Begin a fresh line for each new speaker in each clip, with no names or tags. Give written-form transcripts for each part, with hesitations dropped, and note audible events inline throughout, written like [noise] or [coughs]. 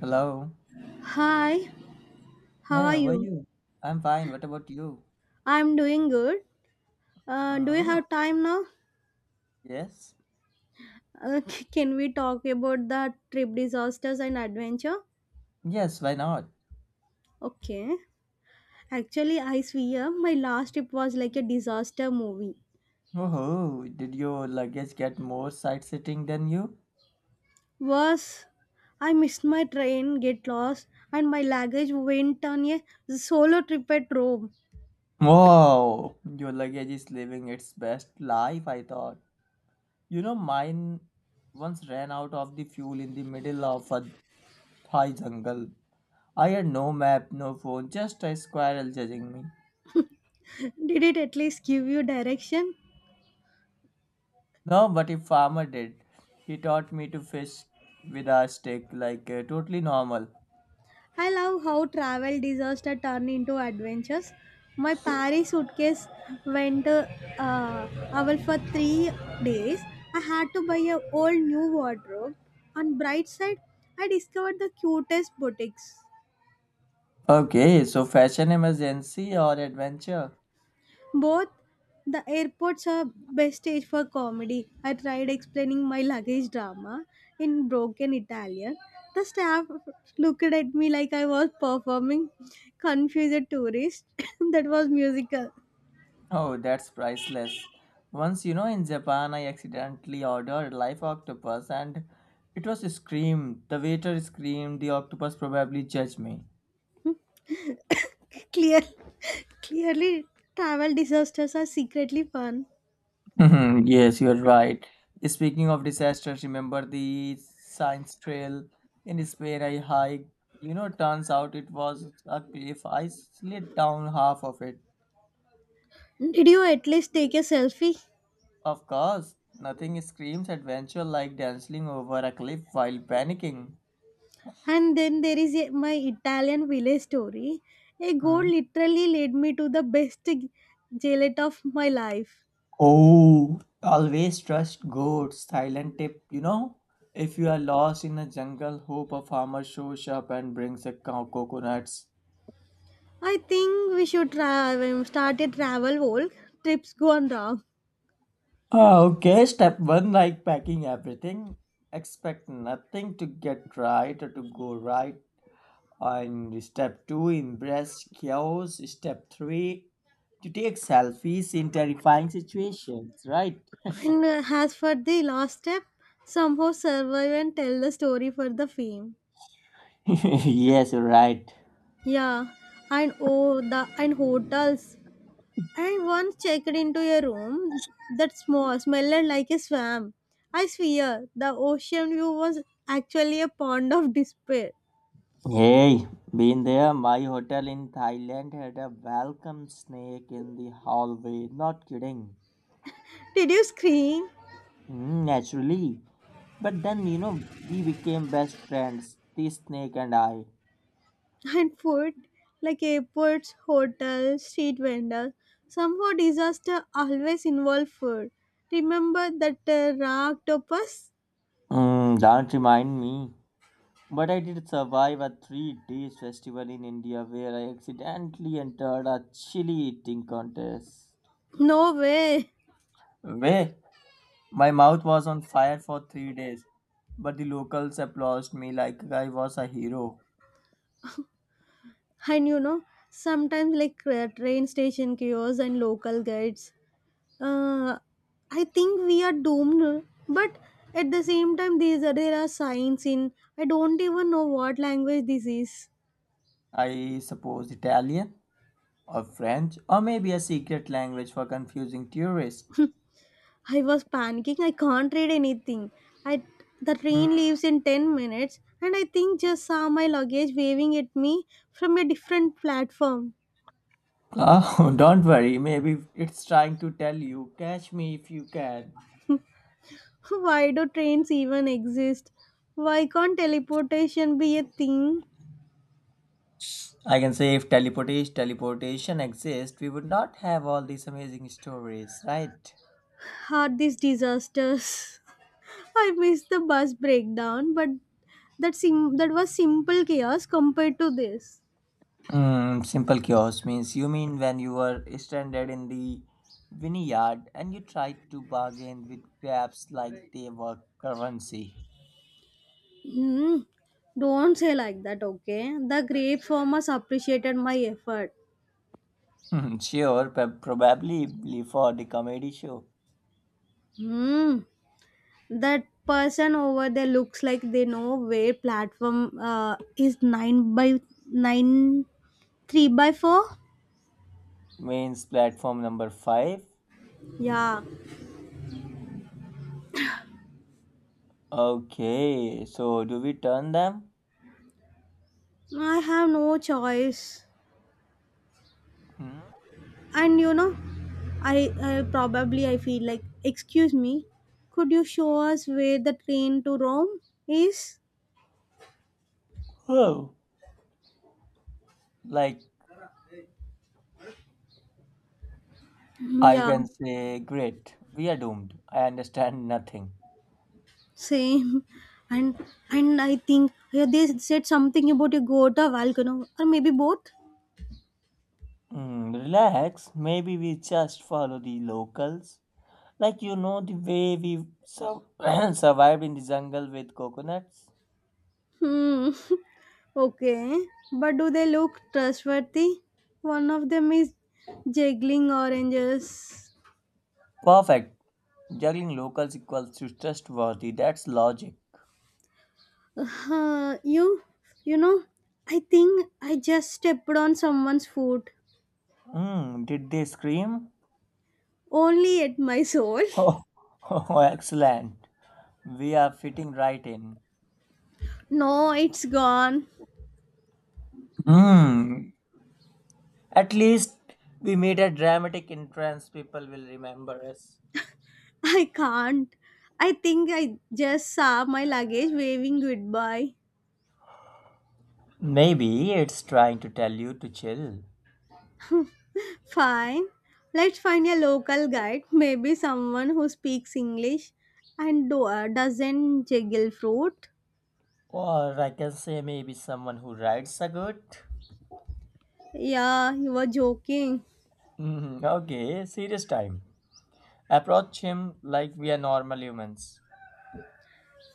Hello.
Hi, how
Hi,
are
how are
you?
you? I'm fine. What about you?
I'm doing good. Do you
Mm,
have time now?
yes.
Uh, [laughs] can we talk about the trip disasters and adventure?
Yes, why not?
Okay. Actually, I swear my last trip was like a disaster movie.
Oh, did your luggage get more sightseeing than you?
Worse, I missed my train, get lost, and my luggage went on a solo trip at Rome.
Wow, your luggage is living its best life, I thought. You know, mine once ran out of the fuel in the middle of a Thai jungle. I had no map, no phone, just a squirrel judging me.
[laughs] Did it at least give you direction?
No, but a farmer did. He taught me to fish with a stick like totally normal.
I love how travel disaster turn into adventures. My Paris suitcase went away for 3 days. I had to buy a whole new wardrobe. On bright side, I discovered the cutest boutiques.
Okay, so fashion emergency or adventure?
Both the airports are best stage for comedy. I tried explaining my luggage drama in broken Italian. The staff looked at me like I was performing confused tourist [coughs] [laughs] that was musical.
Oh, that's priceless. Once, you know, in Japan, I accidentally ordered live octopus and it was screamed. The waiter screamed, the octopus probably judged me. [laughs]
Clear, [laughs] clearly, travel disasters are secretly fun.
Mhm, yes, you're right. Speaking of disasters, remember the science trail in Spain I hiked? You know, turns out it was a cliff. I slid down half of it.
Did you at least take a selfie?
Of course, nothing screams adventure like dancing over a cliff while panicking.
And then there is a, My Italian village story. A goat
Hmm.
literally led me to the best gelato of my life.
Oh, always trust goats. Silent tip, you know? If you are lost in a jungle, hope a farmer shows up and brings a cow coconuts.
I think we should travel, start a travel walk. Trips gone wrong.
Ah, okay, step one like packing everything. Expect nothing to get right or to go right. And step two, embrace chaos. Step three, to take selfies in terrifying situations, right?
And As for the last step, somehow survive and tell the story for the fame.
[laughs] Yes, right.
Yeah, and oh, the and hotels. And once checked into a room that small, smelled like a swamp. I swear, the ocean view was actually a pond of despair.
Hey, been there. My hotel in Thailand had a welcome snake in the hallway, not kidding.
Did you scream
Mm, naturally, but then, you know, we became best friends, the snake and I.
and food like airports, hotels, street vendors? Somehow, disaster always involve food. Remember that raw octopus?
Mm, don't remind me. But I did survive a 3 days festival in India where I accidentally entered a chili eating contest.
No way.
Where my mouth was on fire for 3 days, but the locals applauded me like I was a hero.
And you know, Sometimes like train station kiosks and local guides, uh, I think we are doomed. But at the same time, these are, there are signs in. I don't even know what language this is.
I suppose Italian or French, or maybe a secret language for confusing tourists.
I was panicking. I can't read anything. I The train
Hmm.
leaves in 10 minutes, and I think just saw my luggage waving at me from a different platform.
Oh, [laughs] don't worry, maybe it's trying to tell you, catch me if you can.
[laughs] Why do trains even exist? Why can't teleportation be a thing?
I can say if teleportation exists, we would not have all these amazing stories, right?
Are these disasters? I missed the bus breakdown, but that was simple chaos compared to this.
Mm, simple chaos means you mean when you were stranded in the vineyard and you tried to bargain with crabs like they were currency.
Mm, don't say like that, okay? The grape farmers appreciated my effort.
Hmm, sure, but probably for the comedy show.
Hmm. That person over there looks like they know where platform is nine by nine three by four.
Means platform number five.
Yeah,
Okay, so do we turn them?
I have no choice.
Hmm?
And you know, I, probably I feel like, excuse me, could you show us where the train to Rome is?
Oh, like
Mm,
I
yeah,
can say, Great, we are doomed. I understand nothing.
same. [laughs] And and I think yeah, they said something about a Gota volcano or maybe both.
Hmm, relax, maybe we just follow the locals. Like, you know, the way we sur- [coughs] [clears throat] survived in the jungle with coconuts.
Hmm. [laughs] Okay. But do they look trustworthy? One of them is juggling oranges. [laughs]
Perfect. Juggling locals equals to trustworthy. That's logic.
Uh, you you know, I think I just stepped on someone's foot.
Hmm, did they scream?
Only at my soul. [laughs]
Oh, [laughs] oh, excellent. We are fitting right in.
No, it's gone.
Hmm. At least we made a dramatic entrance. People will remember us.
[laughs] I can't. I think I just saw my luggage waving goodbye.
Maybe it's trying to tell you to chill.
Fine. Let's find a local guide, maybe someone who speaks English and doesn't jiggle fruit.
Or I can say maybe someone who rides a goat.
Yeah, you were joking.
Mhm, okay, serious time. Approach him like we are normal humans.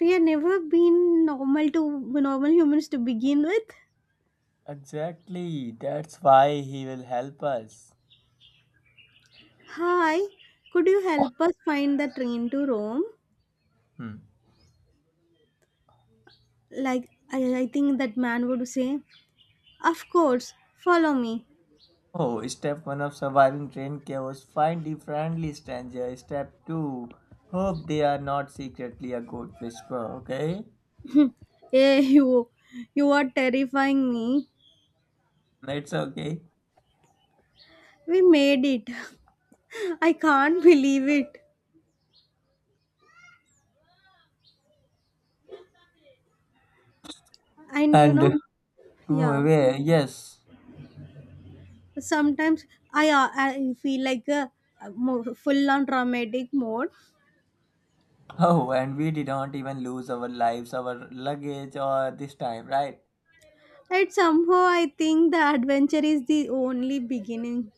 We have never been normal to normal humans to begin with.
Exactly, that's why he will help us.
Hi, could you help us find the train to Rome?
Hmm.
Like I think that man would say, of course, follow me.
Oh, step 1 of surviving train chaos, find the friendly stranger. Step 2, hope they are not secretly a goat whisperer, okay?
[laughs] Hey, you are terrifying me.
It's okay.
We made it. [laughs] I can't believe it. And you
And
know, yeah,
where? Yes.
sometimes I feel like a full on dramatic mode.
Oh, and we did not even lose our lives, our luggage, or this time, right?
And somehow I think the adventure is the only beginning.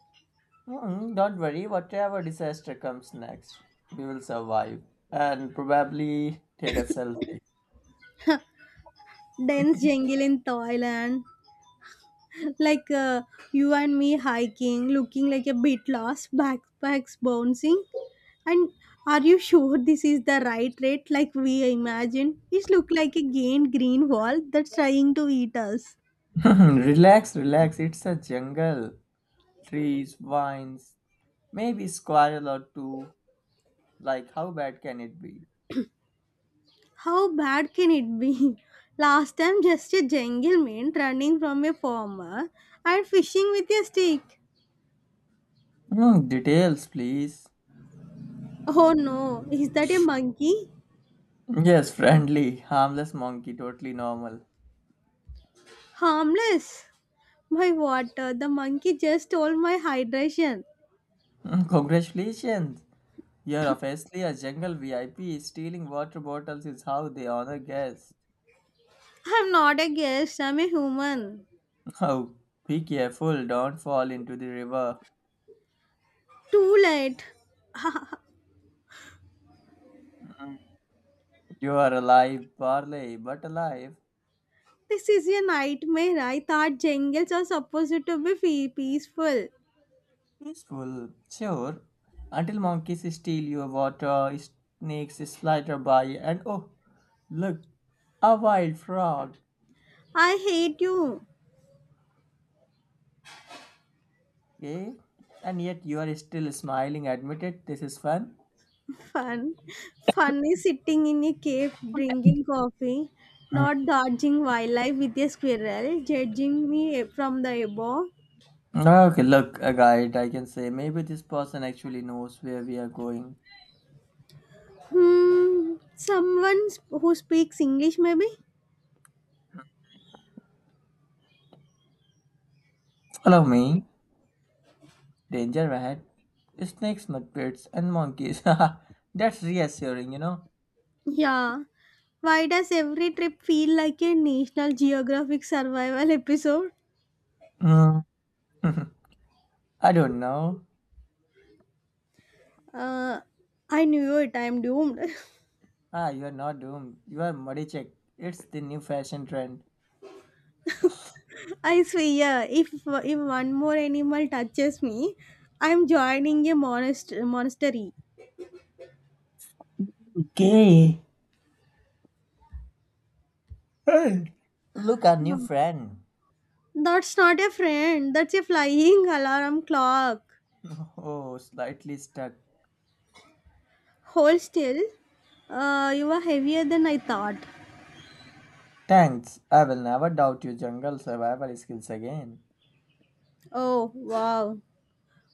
Hmm, don't worry, whatever disaster comes next, we will survive and probably take a selfie.
Dense jungle in Thailand, like you and me hiking, looking like a bit lost, backpacks bouncing. And are you sure this is the right rate like we imagine? It look like a giant green wall that's trying to eat us.
[laughs] Relax, relax, it's a jungle. Trees, vines, maybe squirrel or two. Like, how bad can it be?
How bad can it be? [laughs] Last time just a gentleman running from a farmer and fishing with a stick.
Hmm, details, please.
Oh no, is that a monkey?
Yes, friendly, harmless monkey, totally normal.
Harmless. My water, the monkey just stole my hydration.
Mm, congratulations. You're obviously a jungle VIP. Stealing water bottles is how they honor guests.
I'm not a guest, I'm a human.
Oh, be careful, don't fall into the river.
Too late.
You are alive, barley, but alive.
This is a nightmare. I thought jungles are supposed to be peaceful.
Peaceful, sure. Until monkeys steal your water, snakes slither by, and oh, look, a wild frog.
I hate you.
Okay? And yet you are still smiling. Admit it, this is fun.
Fun. Fun is sitting in a cave drinking coffee,
Mm.
not dodging wildlife with a squirrel, judging me from the above.
Okay, look, a guide, I can say. Maybe this person actually knows where we are going.
Hmm. Someone who speaks English, maybe?
Follow me, Danger Rat, snakes, mudpits, and monkeys. [laughs] That's reassuring, you know.
Yeah. Why does every trip feel like a National Geographic survival episode?
Mm. [laughs] I don't know.
Uh, I knew it. I'm doomed. [laughs]
Ah, you are not doomed. You are muddy, check. It's the new fashion trend.
I swear, if one more animal touches me, I'm joining a monastery.
Okay. Hey, look, our new
Um,
friend.
That's not a friend. That's a flying [laughs] alarm clock.
[laughs] Oh, slightly stuck.
Hold still. You are heavier than I thought.
Thanks. I will never doubt your jungle survival skills again.
Oh wow.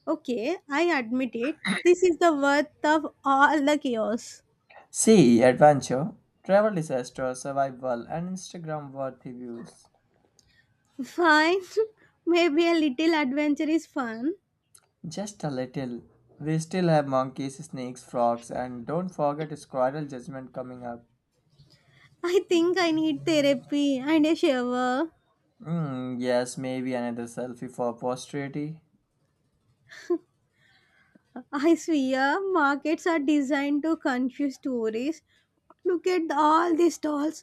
Okay, I admit it. This is the worth of all the chaos.
See, adventure, travel disaster, survival, and Instagram worthy views.
Fine. [laughs] Maybe a little adventure is fun.
Just a little. We still have monkeys, snakes, frogs, and don't forget squirrel judgment coming up.
I think I need therapy and a shower.
Mm, yes, maybe another selfie for posterity.
I swear, markets are designed to confuse tourists. Look at all these stalls.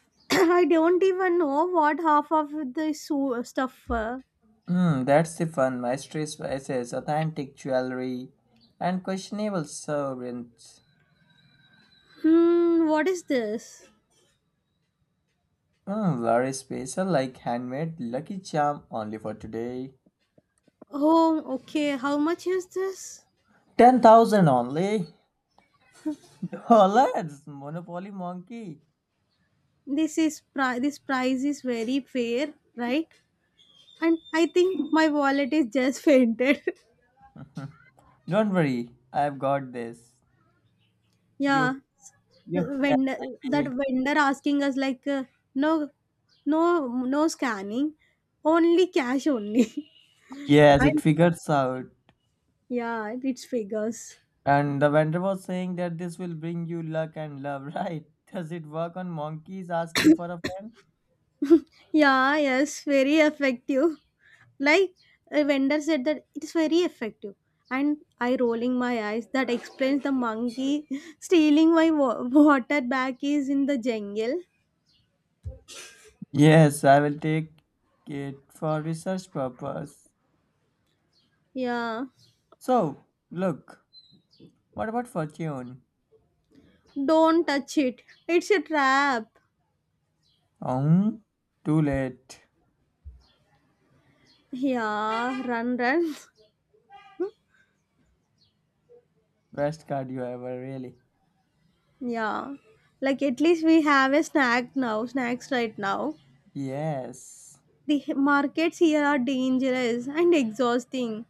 [clears throat] I don't even know what half of the stuff are.
Mm, that's the fun. My stress, authentic jewelry, and questionable servants.
Hmm, what is this?
Mm, very special, like handmade lucky charm only for today.
Oh, okay. How much is this?
10,000 only? Dollars? Monopoly monkey.
This price is very fair, right? And I think my wallet is just fainted.
[laughs] Don't worry, I've got this.
[laughs] Yeah,
You, you can
vendor that
pay.
vendor asking us like no no no scanning, only cash only. [laughs]
Yes, it
And
figures out.
yeah, it's figures.
And the vendor was saying that this will bring you luck and love, [laughs] right? Does it work on monkeys asking for a friend?
Yeah, yes, very effective, like a vendor said that it's very effective, and I rolling my eyes that explains the monkey [laughs] stealing my water back is in the jungle.
Yes, I will take it for research purpose.
Yeah,
So, look, what about fortune?
don't touch it, it's a trap.
Um, too late.
Yeah, run run. [laughs]
Best card you ever, really.
Yeah, like at least we have a snack now, snacks right now.
Yes.
The markets here are dangerous and exhausting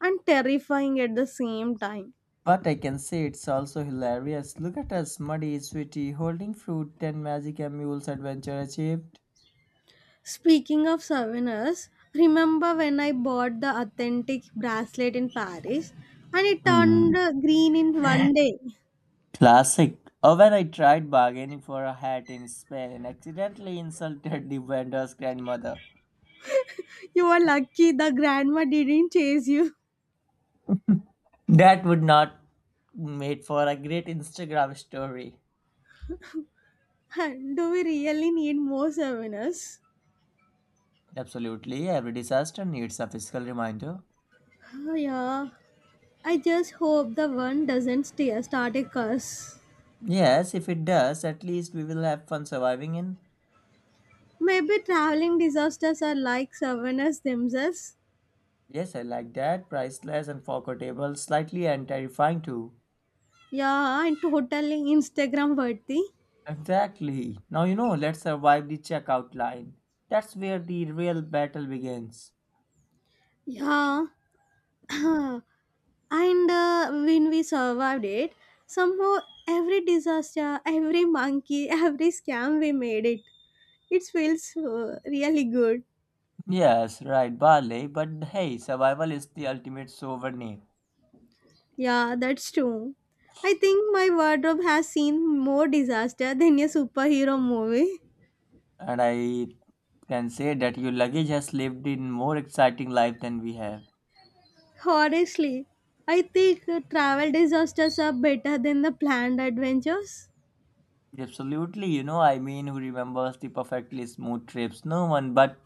and terrifying at the same time.
But I can say it's also hilarious. Look at us, muddy, sweetie, holding fruit, 10 magic mules adventure achieved.
Speaking of souvenirs, remember when I bought the authentic bracelet in Paris and it
Hmm.
turned green in one day? [laughs]
Classic. Oh, when I tried bargaining for a hat in Spain and accidentally insulted the vendor's grandmother.
You were lucky the grandma didn't chase you.
That would not made for a great Instagram story.
[laughs] Do we really need more souvenirs?
Absolutely, every disaster needs a physical reminder.
Oh, yeah. I just hope the one doesn't start a curse.
Yes, if it does, at least we will have fun surviving in.
Maybe traveling disasters are like souvenirs themselves.
Yes, I like that. Priceless and forgettable, slightly and terrifying too.
Yeah, and totally Instagram worthy.
Exactly. Now you know, let's survive the checkout line. That's where the real battle begins.
Yeah, [clears throat] and when we survived it, somehow every disaster, every monkey, [laughs] every scam, we made it. It feels really good.
Yes, right, barley. But hey, survival is the ultimate souvenir.
Yeah, that's true. I think my wardrobe has seen more disaster than a superhero movie.
And I can say that your luggage has lived in more exciting life than we have.
Honestly, I think travel disasters are better than the planned adventures.
Absolutely, you know, I mean, who remembers the perfectly smooth trips? No one, but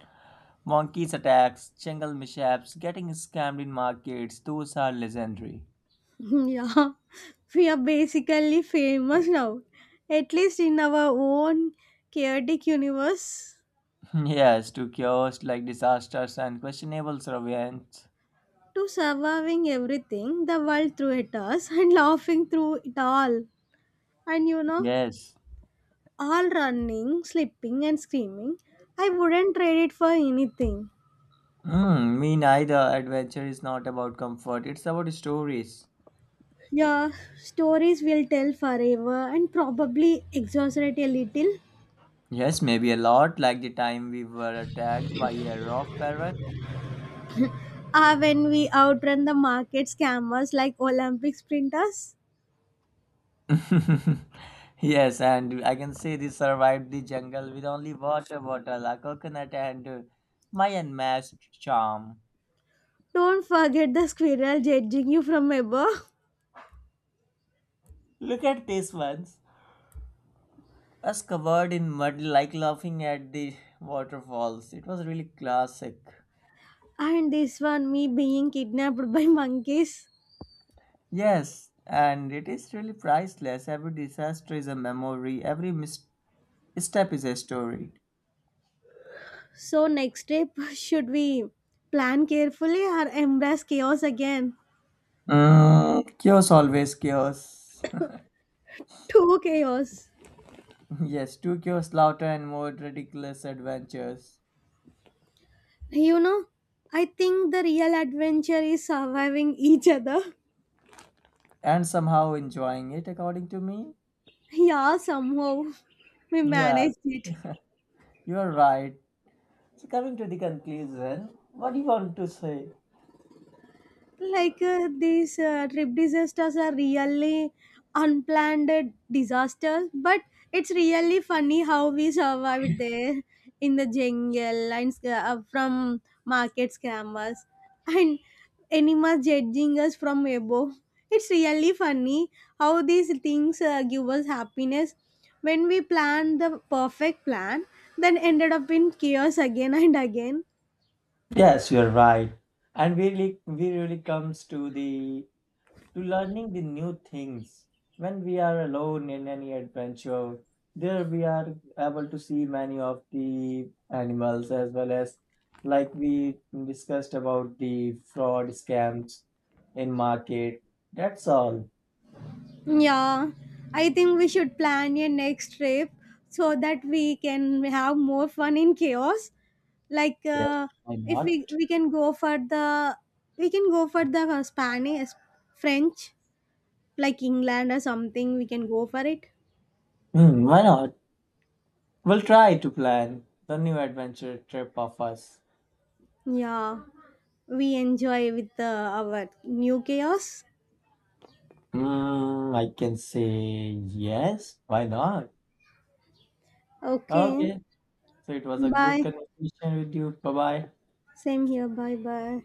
monkeys attacks, jungle mishaps, getting scammed in markets, those are legendary.
[laughs] Yeah, we are basically famous now, at least in our own chaotic universe.
[laughs] Yes, to chaos like disasters and questionable surveillance.
To surviving everything the world threw at us and [laughs] laughing through it all. And you know,
Yes.
all running, slipping, and screaming, I wouldn't trade it for anything.
Mm, me neither. Adventure is not about comfort, it's about stories.
Yeah, stories will tell forever and probably exaggerate a little.
Yes, maybe a lot like the time we were attacked by a rough parrot.
Ah, when we outrun the market scammers like Olympic sprinters.
[laughs] Yes, and I can say they survived the jungle with only water bottle, a coconut, and my unmatched charm.
Don't forget the squirrel judging you from above.
Look at these ones. Us covered in mud, like laughing at the waterfalls. It was really classic.
[laughs] And this one, me being kidnapped by monkeys.
Yes, and it is really priceless. Every disaster is a memory, every mis- step is a story.
So, next trip, [laughs] should we plan carefully or embrace chaos again?
Mm, chaos always chaos.
Too chaos.
[laughs] Yes, took your slaughter and more ridiculous adventures,
You know, I think the real adventure is surviving each other. [laughs]
and somehow enjoying it, according to me.
Yeah, somehow we
Yes,
managed it.
you're right. So, coming to the conclusion, what do you want to say?
Like these trip disasters are really unplanned disasters, but it's really funny how we survived there in the jungle and from market scammers [laughs] and animals judging us from above. It's really funny how these things give us happiness. When we plan the perfect plan then ended up in chaos again [laughs] and again.
Yes, you're right. And we really comes to the to learning the new things. When we are alone in any adventure, there we are able to see many of the animals as well as like we discussed about the fraud scams in market. That's all.
Yeah, I think we should plan a next trip so that we can have more fun in chaos. Like,
Yes, why
if
not?
we can go for the, we can go for the Spanish, French, like England or something. We can go for it.
Hmm, why not? We'll try to plan the new adventure trip of us.
Yeah, we enjoy with the our new chaos.
Hmm, I can say yes. Why not?
Okay,
Okay. So it was a good
bye.
conversation with you. Bye bye.
Same here. Bye bye.